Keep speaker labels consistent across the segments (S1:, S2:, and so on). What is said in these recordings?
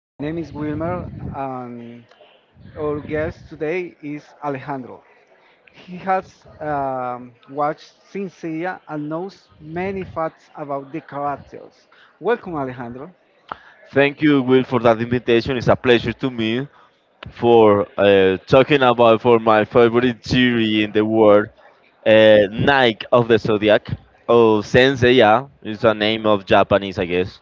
S1: My name is Wilmer, and our guest today is Alejandro. He has watched Sincere and knows many facts about the characters. Welcome, Alejandro.
S2: Thank you, Will, for that invitation. It's a pleasure to me for talking about for my favorite jury in the world, Nike of the Zodiac. Oh, Sensei, yeah, it's a name of Japanese, I guess.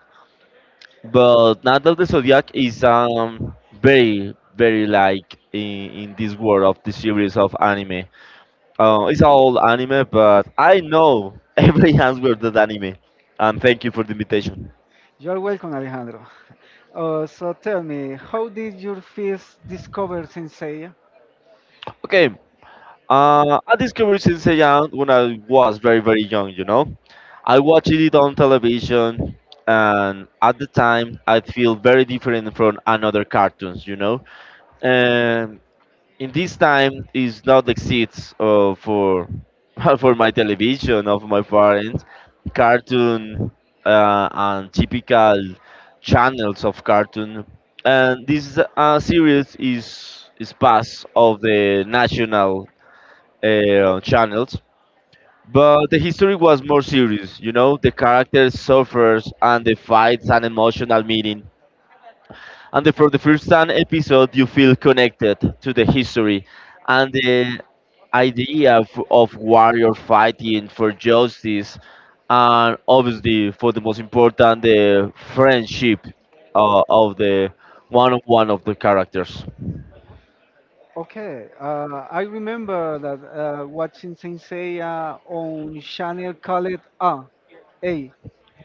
S2: But Knight of the Zodiac is very very like in this world of the series of anime. It's all anime, but I know every answer to that anime. And thank you for the invitation.
S1: You're welcome, Alejandro. So tell me, how did you first discover Sensei?
S2: Okay. I discovered Sensei Young when I was very, very young, you know. I watched it on television, and at the time, I feel very different from another cartoons, you know. And in this time, it's not exists for for my television of my parents, cartoon and typical channels of cartoon. And this series is part of the national channels. But the history was more serious, you know, the characters suffers and the fights an emotional meaning. And the, for the first time episode, you feel connected to the history and the idea of warrior fighting for justice, and obviously for the most important, the friendship of the one of the characters.
S1: Okay, I remember that watching Sensei on channel called A, A, yeah.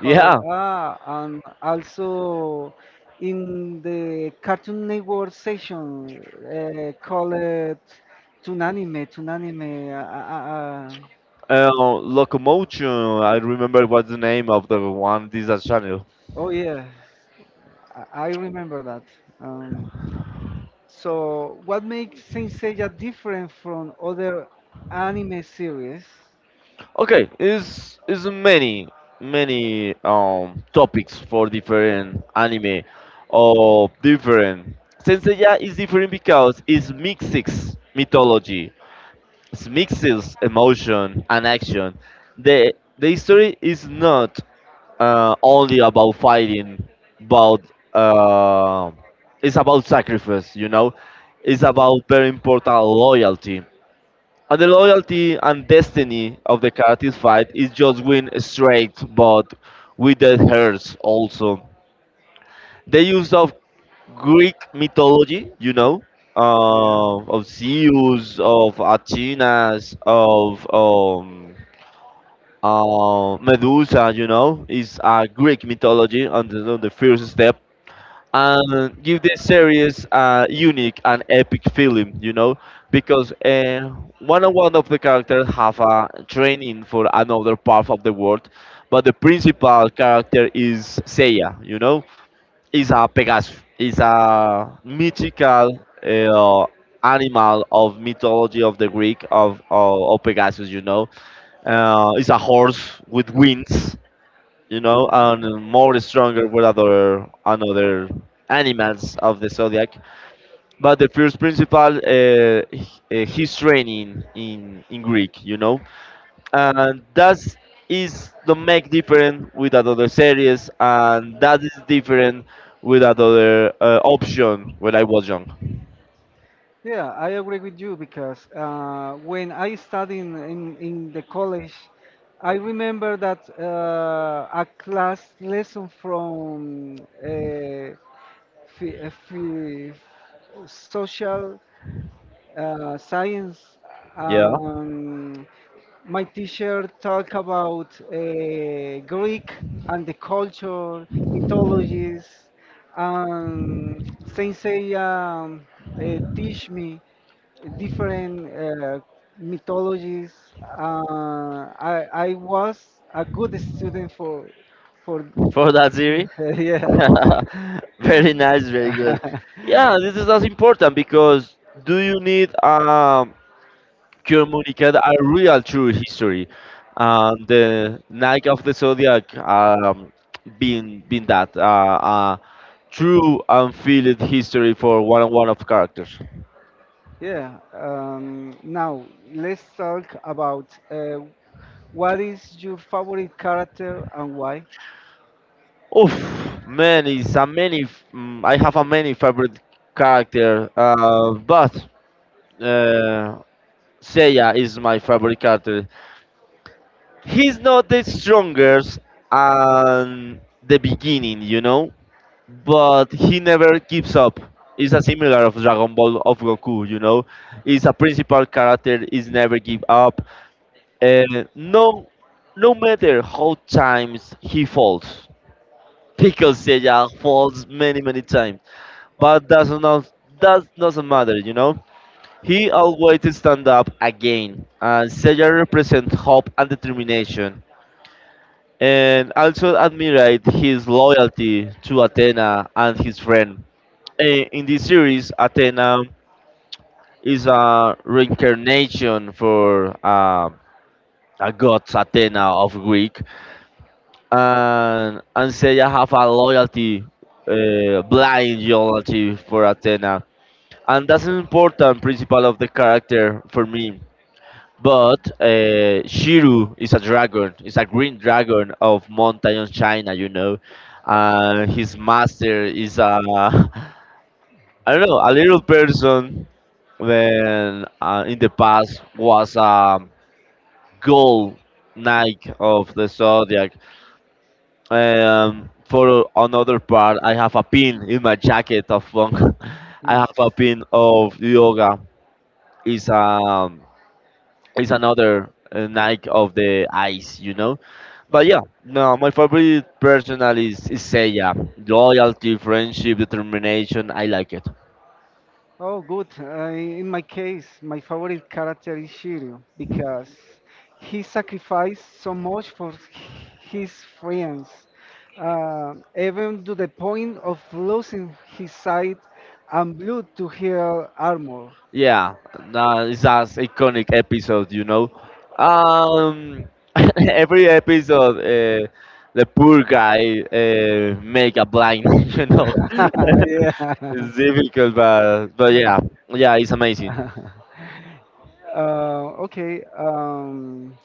S1: Called A, and also in the Cartoon Network section called Toonanime, Toonanime.
S2: Uh, Locomotion, I remember what's the name of the one Disney Channel.
S1: Oh yeah, I remember that. Um, so, what makes Sensei different from other anime series?
S2: Okay, is many many topics for different anime or different. Senseiya is different because it's mixes mythology. It mixes emotion and action. The the story is not only about fighting, but uh, it's about sacrifice. You know, it's about very important loyalty. And the loyalty and destiny of the characters fight is just win straight, but with the hurts also. The use of Greek mythology, you know,
S1: Yeah.
S2: of Zeus, of Athenas, of Medusa, you know, is a Greek mythology on on the first step. And give the series a unique and epic feeling, you know, because one of the characters have a training for another part of the world, but the principal character is Seiya, you know, is a Pegasus, is a mythical animal of mythology of the Greek of Pegasus. You know, it's a horse with wings. You know, and more stronger with other another animals of the zodiac. But the first principal, his training in Greek. You know, and that is the make different with that other series, and that is different with another option when I was young.
S1: Yeah, I agree with you because when I studied in the college, I remember that a class lesson from uh, phi- uh, phi- social science.
S2: Yeah.
S1: Um, my teacher talk about Greek and the culture, mythologies, and Sensei teach me different mythologies. I was a good student for
S2: For that series.
S1: yeah.
S2: Very nice, very good. Yeah, this is as important because do you need communicate a real true history. And the Nike of the Zodiac being that true unfilled history for one of characters.
S1: Yeah. Now let's talk about what is your favorite character and why?
S2: Oof, man, it's a many. I have a many favorite character, but uh, Seiya is my favorite character. He's not the strongest and the beginning, you know, but he never gives up. It's a similar of Dragon Ball of Goku, you know. He's a principal character. He's never give up. And no, no matter how times he falls, because Seiya falls many many times, but that doesn't matter, you know. He always stand up again, and Seiya represent hope and determination, and also admired his loyalty to Athena and his friend. In this series, Athena is a reincarnation for a god Athena of Greek, and Seiya have a loyalty, blind loyalty for Athena, and that's an important principle of the character for me. But Shiru is a dragon, is a green dragon of mountain of China, you know, and his master is a I don't know, a little person, when in the past was a gold knight of the zodiac. For another part, I have a pin in my jacket of funk. I
S1: Yes.
S2: have a pin of yoga. Is um is another knight of the ice, you know. But yeah, no, my favorite personal is Seiya. Loyalty, friendship, determination. I like it.
S1: Oh, good. In my case, my favorite character is Shiryu because he sacrificed so much for his friends, even to the point of losing his sight and blood to heal armor.
S2: Yeah, no, it's as iconic episode, you know. Um, every episode, the poor guy make a blind, you know.
S1: yeah.
S2: It's difficult, but yeah, yeah, it's amazing.
S1: Uh, okay. Um,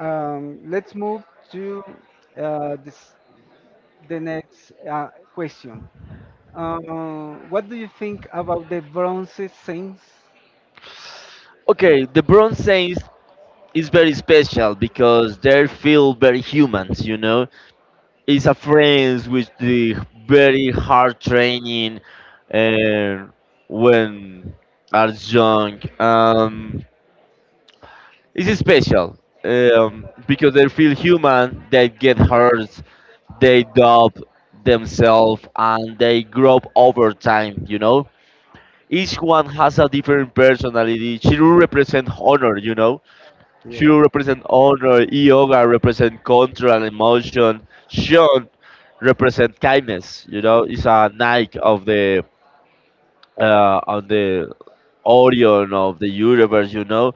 S1: um, let's move to uh, this, the next question. Uh, what do you think about the Bronze Saints?
S2: Okay, the Bronze Saints is very special because they feel very humans, you know. It's a friends with the very hard training, and when are young. It's special because they feel human, they get hurt, they doubt themselves, and they grow up over time, you know? Each one has a different personality. Shiru represents honor, you know? Shiru represents honor, Yoga represents control and emotion, Shion represents kindness, you know? It's a Nike of the, on the Orion of the universe, you know?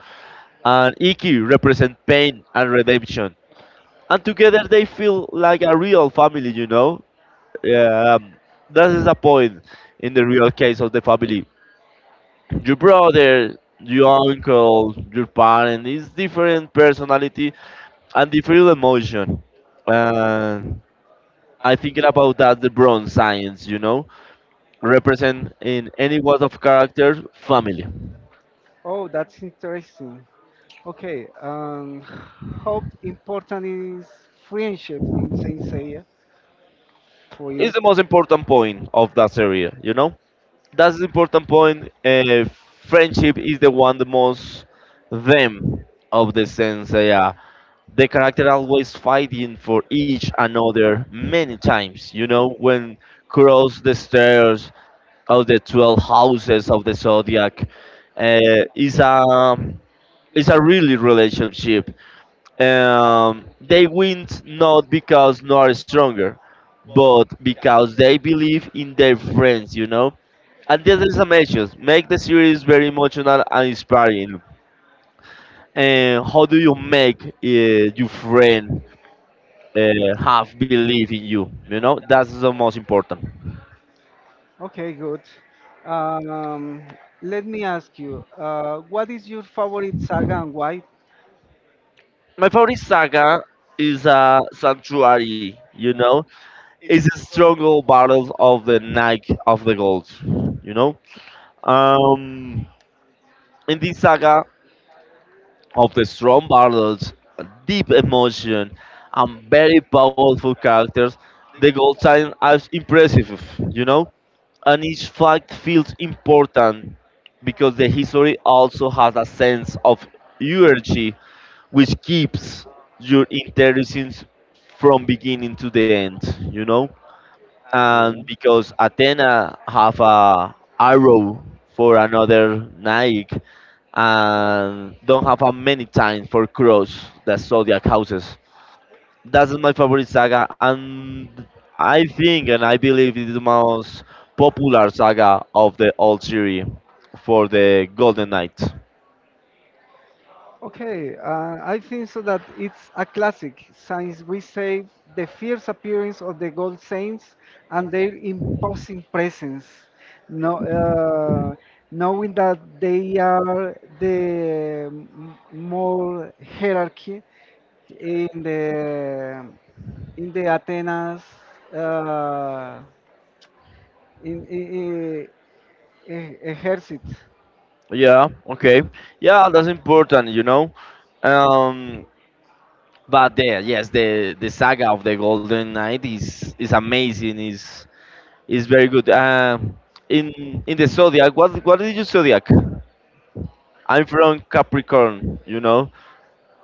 S2: And Iki represent pain and redemption, and together they feel like a real family, you know. Yeah, that is a point in the real case of the family. Your brother, your uncle, your parent is different personality and different emotion, and I thinking about that the bronze science, you know, represent in any world of character family.
S1: Oh, that's interesting. Okay, how important is friendship in Saint Seiya for you?
S2: It's the most important point of that area, you know, that's the important point. Friendship is the one the most them of the sense. Yeah, the character always fighting for each another many times. You know when cross the stairs of the 12 houses of the zodiac uh, is a is a really relationship. They win not because nor stronger, but because they believe in their friends. You know, and there is some issues. Make the series very emotional and inspiring. And how do you make your friend uh, have belief in you? You know, that's the most important.
S1: Okay, good. Um, let me ask you, what is your favorite saga and why?
S2: My favorite saga is Sanctuary. You know, it's a struggle battle of the Knight of the gods. You know, um, in this saga, of the strong battles, deep emotion, and very powerful characters, the gold sign is impressive, you know? And each fact feels important because the history also has a sense of urgency which keeps your interesting from beginning to the end, you know? And because Athena have a arrow for another knight and don't have a many time for cross the zodiac houses. That's my favorite saga, and I think and I believe it is the most popular saga of the old series for the Golden Knight.
S1: Okay, I think so that it's a classic since we say the fierce appearance of the gold saints and their imposing presence. No, knowing that they are the m- more hierarchy in the in the Atenas uh, in, in, ejército.
S2: Yeah, okay, yeah, that's important, you know. Um, But there, yes, the saga of the Golden Knight is amazing. Is very good. In the zodiac, what is your zodiac? I'm from Capricorn. You know,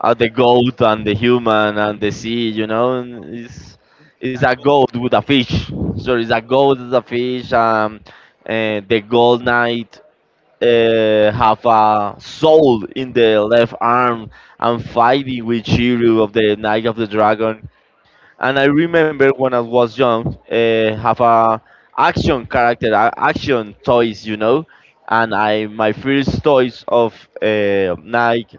S2: the goat and the human and the sea. You know, and it's a goat with a fish. So it's a goat with a fish. And the Gold Knight have a soul in the left arm and fighting with Shiryu of the Knight of the Dragon. And I remember when I was young, have a action character, action toys, you know, and I my first toys of uh, Nike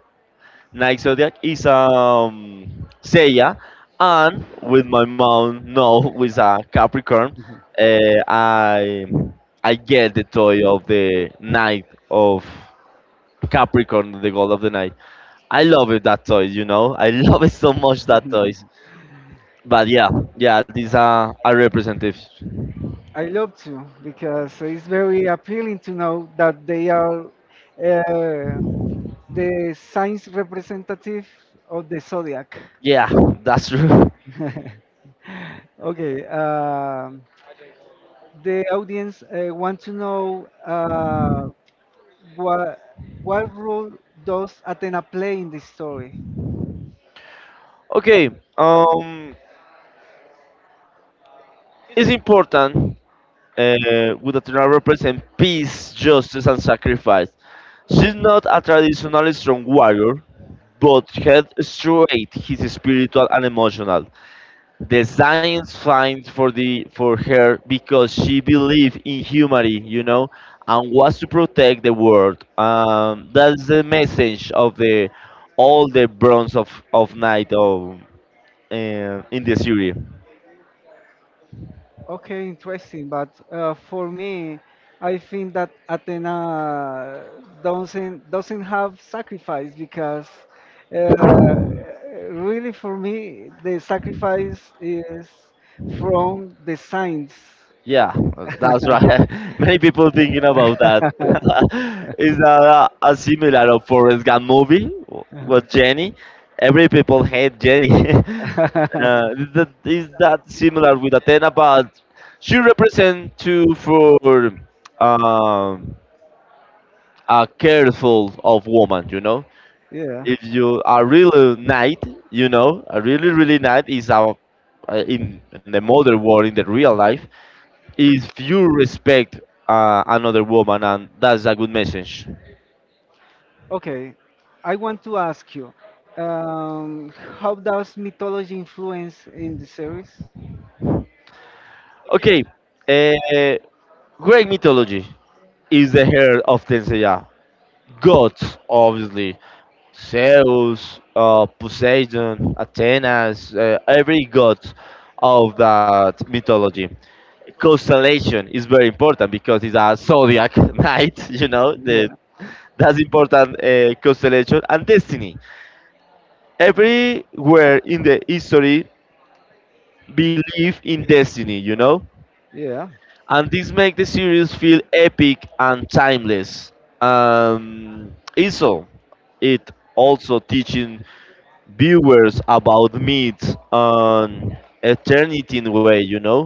S2: Nike Zodiac is Seiya, and with my mom no, with a Capricorn, uh, I I get the toy of the Knight of Capricorn, the God of the Night. I love it that toy, you know. I love it so much that toy. But yeah, yeah, these are representatives.
S1: I love to because it's very appealing to know that they are uh, the science representative of the zodiac.
S2: Yeah, that's true.
S1: Okay, the audience want to know what what role does Athena play in this story?
S2: Okay, um, it's important uh, with Athena represent peace, justice, and sacrifice. She's not a traditionally strong warrior, but head straight, his spiritual and emotional. The science finds for the for her because she believed in humanity, you know, and was to protect the world. That's the message of the all the bronze of night of uh, in the series.
S1: Okay, interesting. But for me, I think that Athena doesn't have sacrifice because uh, really for me the sacrifice is from the signs.
S2: Yeah, that's right. Many people thinking about that. Is that a similar of Forrest Gump movie with Jenny? Every people hate Jenny. Is that similar with Athena? But she represent too for um, a careful of woman. You know,
S1: yeah.
S2: if you are really knight, you know, a really really knight is a in the modern world in the real life, if you respect another woman, and that's a good message.
S1: Okay, I want to ask you, um, how does mythology influence in the series?
S2: Okay, uh, Greek mythology is the heir of Tenseya. Gods, obviously. Zeus, Poseidon, Athenas, every god of that mythology. Constellation is very important because it's a zodiac night, you know,
S1: Yeah.
S2: the, that's important constellation and destiny. Everywhere in the history believe in destiny, you know?
S1: Yeah,
S2: And this makes the series feel epic and timeless. Also, it also teaching viewers about myths and eternity in a way, you know?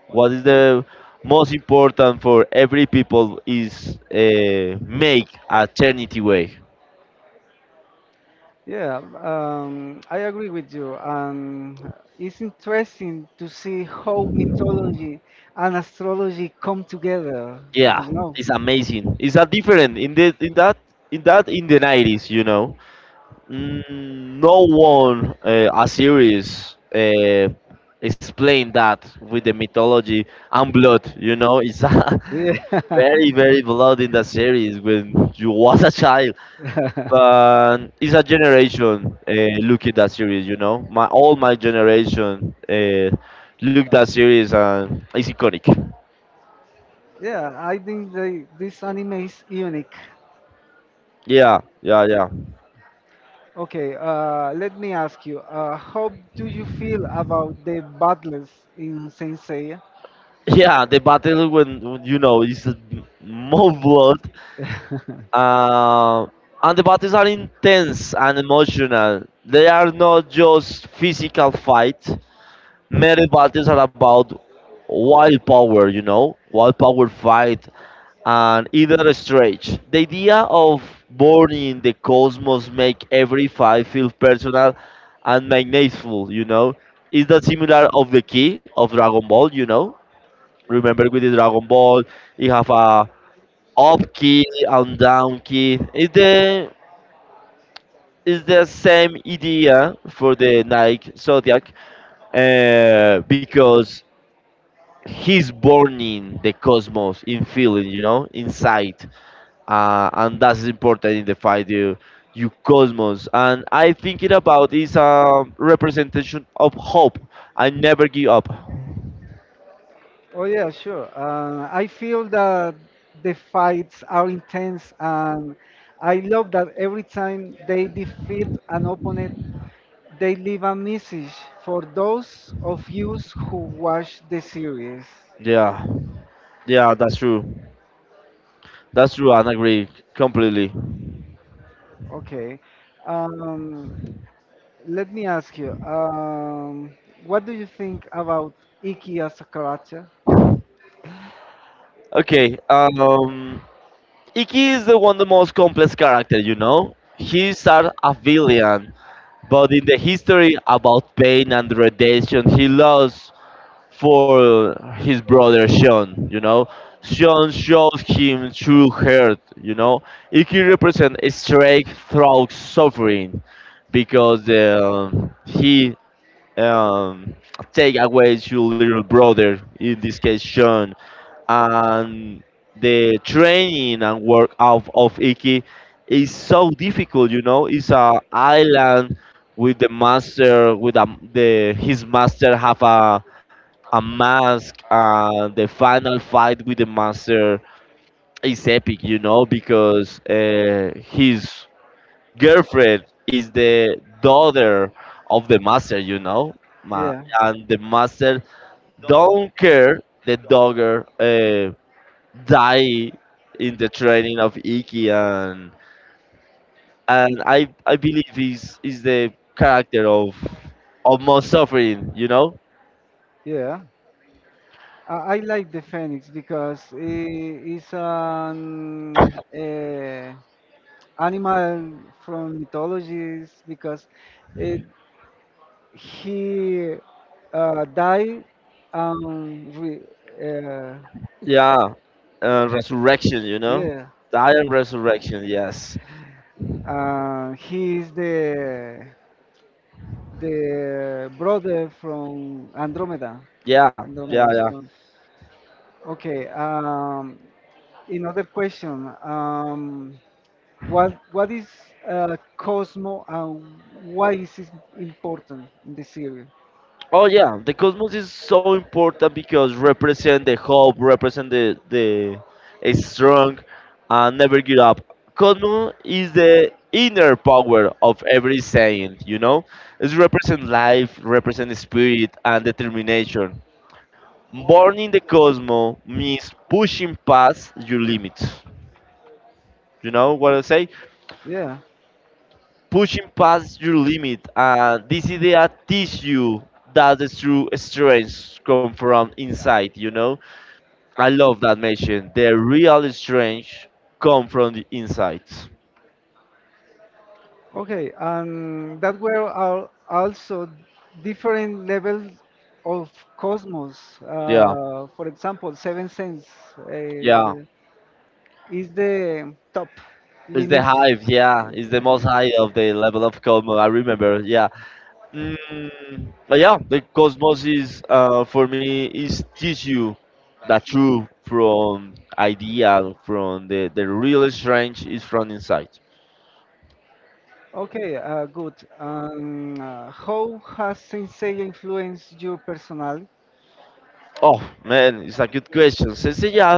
S2: What is the most important for every people is make eternity way.
S1: yeah, I agree with you. It's interesting to see how mythology and astrology come together. You
S2: Yeah,
S1: know?
S2: it's amazing. It's a different in the in the 90s, you know. Mm, no one a series explained that with the mythology and blood. You know, it's a
S1: Yeah.
S2: very blood in the series when you was a child. But it's a generation look at that series. You know, my all my generation look that series and it's iconic.
S1: yeah, I think they, this anime is unique.
S2: Yeah, yeah, yeah.
S1: Okay, let me ask you, how do you feel about the battles in Saint Seiya?
S2: Yeah, the battle you know it's more blood, uh, and the battles are intense and emotional. They are not just physical fight. Many battles are about wild power, you know, wild power fight, and either stretch. The idea of burning the cosmos make every fight feel personal and magnetful, you know. Is that similar of the key of Dragon Ball, you know? Remember with the Dragon Ball, you have a up key and down key. It's the same idea for the Nike Zodiac, because he's born in the cosmos, in feeling, you know, inside, and that's important in the fight. You cosmos, and I thinking about is a representation of hope. I never give up.
S1: Oh yeah, sure. I feel that the fights are intense, and I love that every time they defeat an opponent, they leave a message for those of you who watch the series.
S2: Yeah, yeah, that's true. That's true, I agree completely.
S1: Okay, um, let me ask you, what do you think about Iki as a character?
S2: Okay, Iki is the one the most complex character, you know? He started a villain, but in the history about pain and redemption he lost for his brother Sean, you know? Sean shows him true hurt, you know? Iki represents strength through suffering because he um, take away your little brother, in this case Sean, and the training and work out of Iki is so difficult. You know, it's a island with the master, with a, the his master have a mask, and the final fight with the master is epic. You know, because his girlfriend is the daughter of the master. You know, Ma-
S1: Yeah,
S2: and the master don't care the dogger. Die in the training of Iki and and I believe he's is the character of most suffering, you know?
S1: yeah. I like the phoenix because it is an animal from mythologies because it, he died and uh,
S2: Yeah. Resurrection, you know?
S1: yeah,
S2: I am resurrection, yes.
S1: he is the brother from Andromeda.
S2: Yeah, yeah,
S1: Andromeda.
S2: yeah.
S1: Sean. Okay. Another question. What is Cosmo and why is it important in the series?
S2: Oh yeah, the cosmos is so important because represent the hope, represent the a strong, and never give up. Cosmos is the inner power of every saint. You know, it represent life, represent spirit and determination. Born in the cosmos means pushing past your limits. You know what I say?
S1: Yeah.
S2: Pushing past your limit, and this idea teach you that the true strength come from inside. You know, I love that mention. The real strange come from the inside.
S1: Okay. And that were al- also different levels of cosmos.
S2: Yeah,
S1: For example, seven sense uh, is
S2: yeah.
S1: the, is the top
S2: It's the
S1: limit.
S2: hive. Yeah, it's the most high of the level of cosmos. I remember. Yeah. Mm, but yeah, the cosmos is for me is teach you that true from ideal from the real strange is from inside.
S1: Okay, good. How has Sensei influenced your personal?
S2: Oh man, it's a good question. Cecilia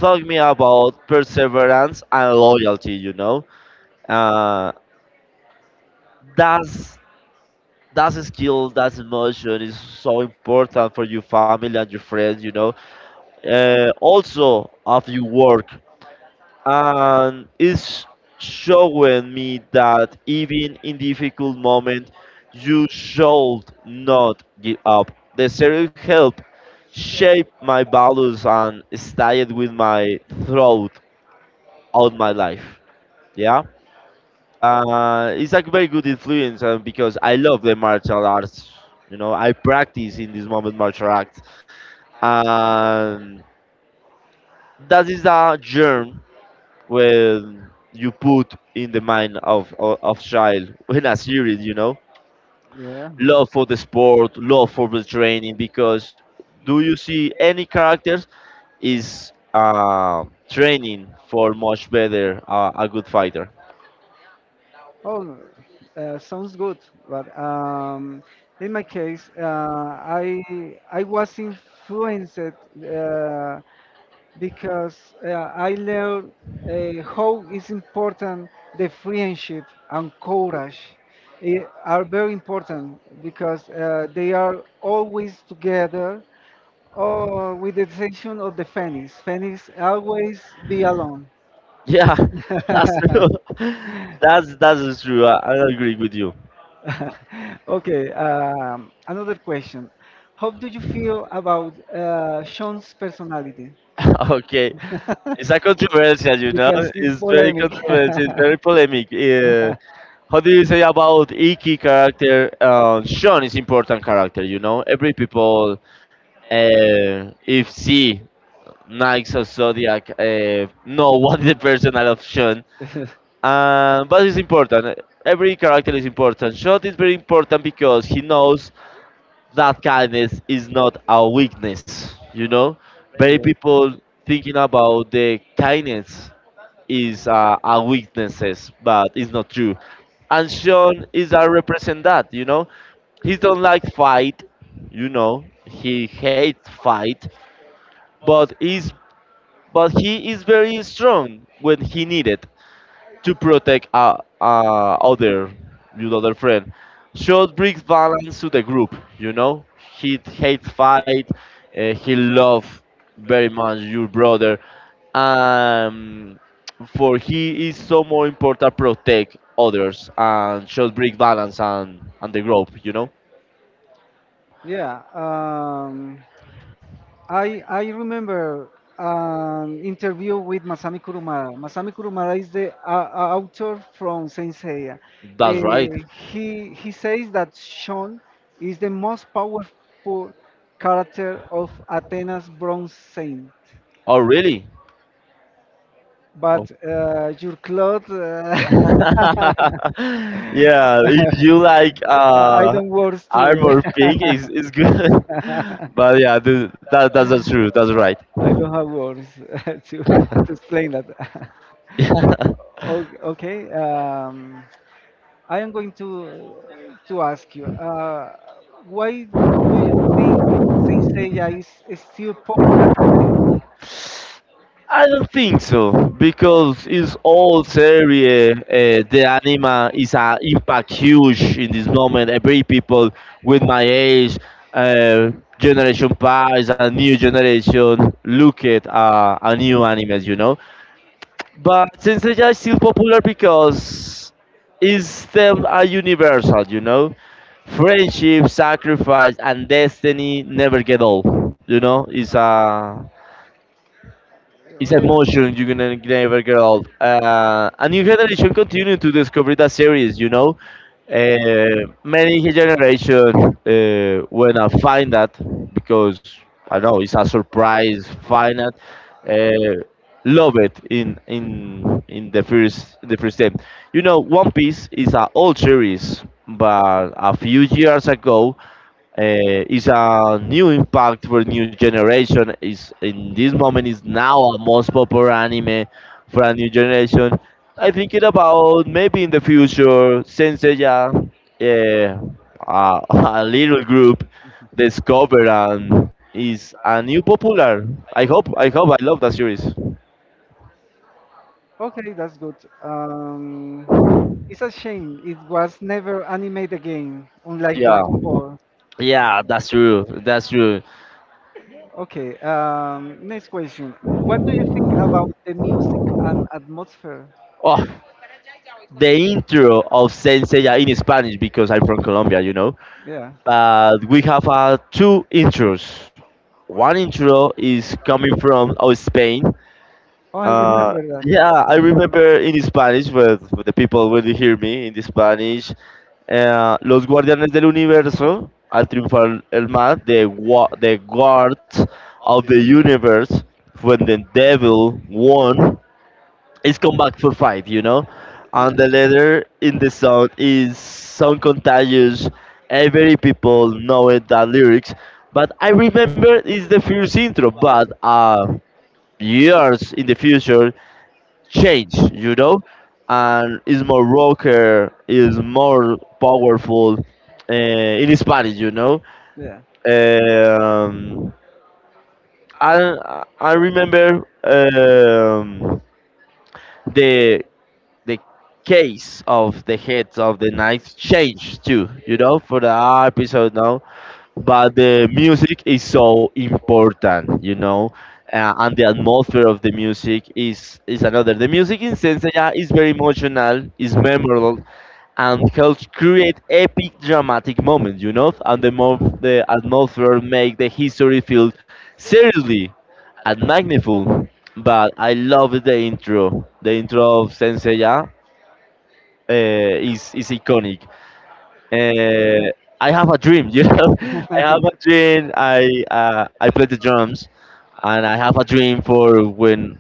S2: taught me about perseverance and loyalty. You know. Uh, that's that's a skill that's emotion is so important for your family and your friends, you know, also of your work, and it's showing me that even in difficult moment you should not give up. The series help shape my values and stayed with my throughout all my life. Yeah. It's like very good influence because I love the martial arts. You know, I practice in this moment martial arts. Um, that is a germ when you put in the mind of child when a series, you know,
S1: Yeah.
S2: love for the sport, love for the training. Because do you see any characters is training for much better a good fighter?
S1: Oh, sounds good. But in my case, I was influenced because I learned how is important the friendship and courage I- are very important because they are always together. Oh, with the exception of the Phoenix. Phoenix always be alone.
S2: Yeah, that's true. That's that is true. I agree with you.
S1: Okay, another question. How do you feel about Sean's personality?
S2: Okay, it's a controversial, you know.
S1: Because it's
S2: It's very
S1: polemic.
S2: controversial. It's
S1: How
S2: very polemic.
S1: you You you about
S2: How do you say about Iki character? Sean is
S1: person
S2: important character,
S1: person.
S2: you
S1: know,
S2: know.
S1: know every
S2: Every people, uh, if
S1: is
S2: see
S1: not?
S2: Nikes or Zodiac, know what the personal of Sean.
S1: Insurance.
S2: But it's important. Every character is important. Sean is very important because he knows that kindness is
S1: important.
S2: not a weakness, you know? Many people thinking about the kindness is a weaknesses, but it's not true. And Sean is a represent that, you know? He don't like fight, you know? He hates fight, but he's but he is very strong when he needed to protect other your other friend. Shot brings balance to the group. You know, he hates fight. He love very much your brother. Um, for he is so more important protect others and should bring balance and the group. You know,
S1: Yeah, I remember an interview with Masami Kurumada. Masami Kurumada is the author from Saint Seiya.
S2: that's right.
S1: He says that Sean is the most powerful character of Athena's Bronze Saint,
S2: Oh really?
S1: but your clothes,
S2: Yeah, if you like
S1: I don't work to.
S2: armor pink, is good. But yeah, the, that that's the truth. That's right.
S1: I don't have words to to explain that.
S2: Yeah.
S1: okay, okay. I am going to ask you. Why do you think Sensei is still popular today?
S2: I don't think so because it's all serie. The anima is an impact huge in this moment. Every people with my age, uh, generation past, and new generation look at a new anime. You know, but Sensei is still popular because its themes are universal, you know? Friendship, sacrifice, and destiny never get old. You know, it's a it's
S1: Oh,
S2: a
S1: yeah.
S2: motion you can never get old. A new generation continue to discover that series, you know. Many generation when I find that because I don't know it's a surprise. Find that, uh, love it in the first time. You know, One Piece is an old series, but a few years ago is a new impact for new generation is in this moment is now a most popular anime for a new generation. I think it about maybe in the future sensei, yeah, a little group discover and is a new popular. I hope, I hope, I love that series.
S1: Okay, that's good. Um, it's a shame it was never animated again, unlike
S2: Yeah,
S1: Dragon Ball.
S2: yeah, that's true, that's true.
S1: Okay. Next question. What do you think about the music and atmosphere?
S2: Oh, the intro of sensei in Spanish because I'm from Colombia, you know,
S1: Yeah.
S2: but we have two intros. One intro is coming from, oh, Spain. Mm. Uh,
S1: Remember
S2: yeah, I remember in Spanish, but the people will hear me in Spanish. Eh, los guardianes del universo, al triunfar el mal, the, wa- the guards of the universe, when the devil won it's come back for five, you know? And the letter in the song is so contagious. Every people know it, the lyrics. But I remember it's the first intro, but years in the future change, you know? And it's more rocker, is more powerful in Spanish, you know?
S1: yeah. Yeah.
S2: Um, I remember the the case of the heads of the knights changed too, you know, for the episode now. But the music is so important, you know, and the atmosphere of the music is another. The music in Senseiya is very emotional, is memorable, and helps create epic dramatic moments, you know, and the more the atmosphere make the history feel seriously and magnificent. But I love the intro of Senseiya is iconic. Uh, I have a dream, you know. I have a dream. I play the drums, and I have a dream for when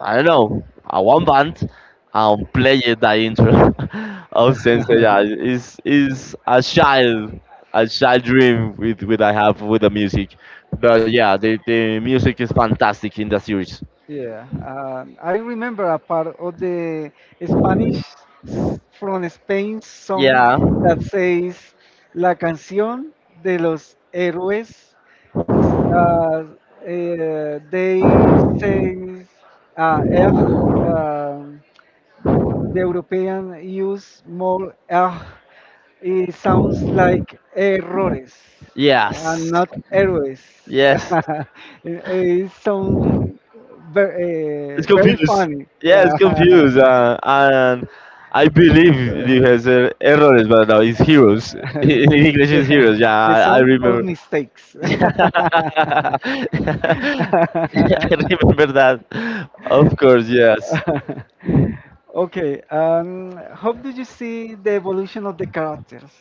S2: I don't know a one band, play it that intro of Sensei. Yeah, is a child dream with I have with the music. But yeah, the music is fantastic in the series.
S1: Yeah, I remember a part of the Spanish s- from Spain song
S2: Yeah.
S1: that says La canción de los héroes. Uh, they say uh, er, the European use more ah, it sounds like errores and
S2: Yes.
S1: not errors.
S2: Yes.
S1: it sounds very,
S2: It's
S1: very
S2: confused.
S1: funny.
S2: Yeah, it's
S1: Yeah.
S2: confused. And I believe you has errors, but no, it's heroes. In English, it's
S1: Yeah.
S2: heroes. Yeah,
S1: The
S2: I
S1: song of
S2: remember.
S1: mistakes.
S2: I remember that. Of course, yes.
S1: Okay, how do you see the evolution of the characters?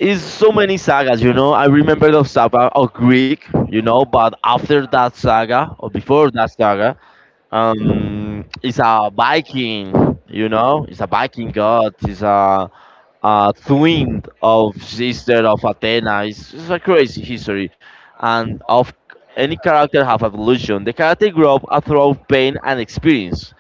S2: It's so many sagas, you know. I remember the saga of Greek, you know, but after that saga or before that saga, it's a Viking, you know, it's a Viking god, it's a twin of sister of Athena. It's a crazy history, and of any character have evolution. The character grow up through pain and experience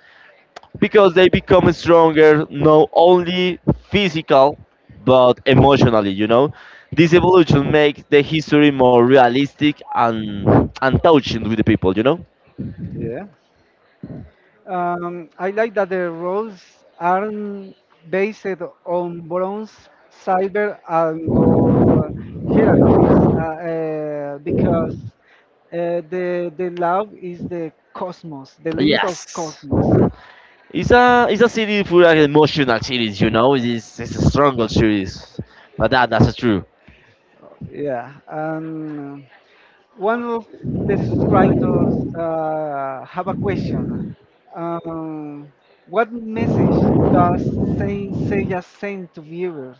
S2: because they become stronger not only physical but emotionally, you know. This evolution makes the history more realistic and touching with the people, you know.
S1: Yeah. I like that the roles aren't based on bronze, silver, and gold hierarchies because the love is the cosmos, the limit of
S2: Yes,
S1: cosmos.
S2: it's a series for an emotional series, you know, it's a strong series, but that that's true.
S1: Yeah, and one of the subscribers have a question. Um, what message does Saint Seiya send to viewers?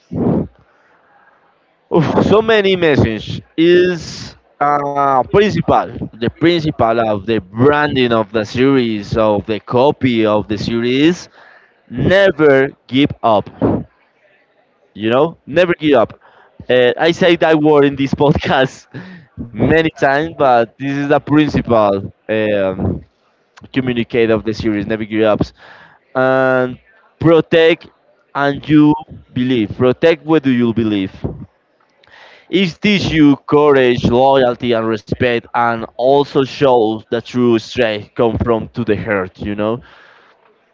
S2: Oof, so many message is principal, the principal of the branding of the series, of the copy of the series. Never give up. You know, never give up. I say that word in this podcast many times, but this is the principal communicate of the series. Never give up and protect and you believe. Protect what do you believe. It teaches you courage, loyalty, and respect, and also shows that true strength comes from to the heart. You know,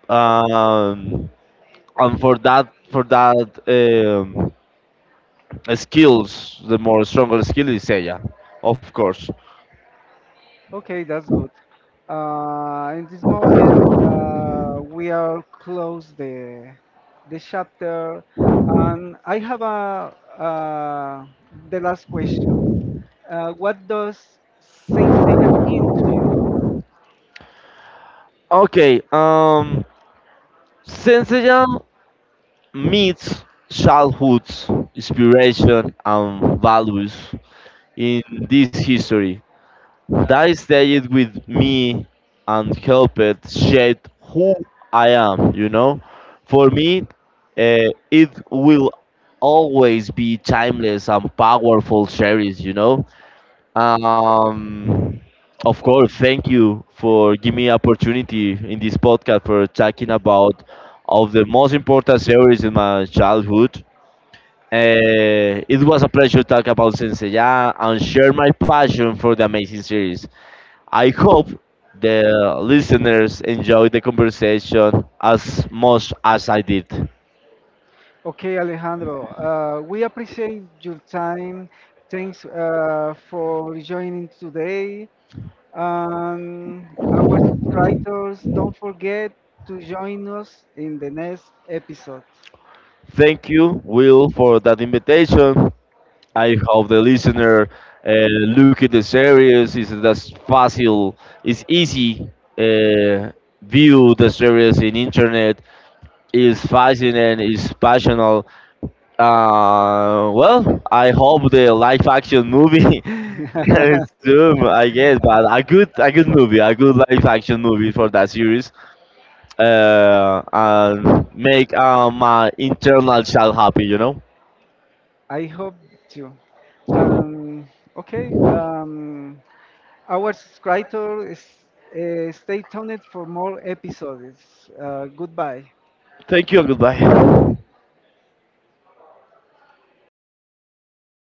S2: um, and for that skills, the more stronger skill is Seiya, of course.
S1: Okay, that's good. In this moment, we are close the chapter, and I have a the last question. What does Saint Seiya mean to you?
S2: Okay, Senseiya meets childhood's inspiration and values in this history. That stayed with me and helped shape who I am, you know? For me, it will always be timeless and powerful series, you know? Um, of course, thank you for giving me opportunity in this podcast for talking about of the most important series in my childhood. It was a pleasure to talk about Senseiya and share my passion for the amazing series. I hope the listeners enjoyed the conversation as much as I did.
S1: Okay, Alejandro, we appreciate your time. Thanks for joining today. Our subscribers, don't forget to join us in the next episode.
S2: Thank you, Will, for that invitation. I hope the listener look at the series. It's that's fácil, it's easy uh, view the series in internet. It's fascinating, it's passionate. Well, I hope the live action movie is soon, I guess, but a good movie, a good live action movie for that series. And make my internal child happy, you know.
S1: I hope too. Um, okay. Um, our subscriber is stay tuned for more episodes. Goodbye.
S2: Thank you and goodbye.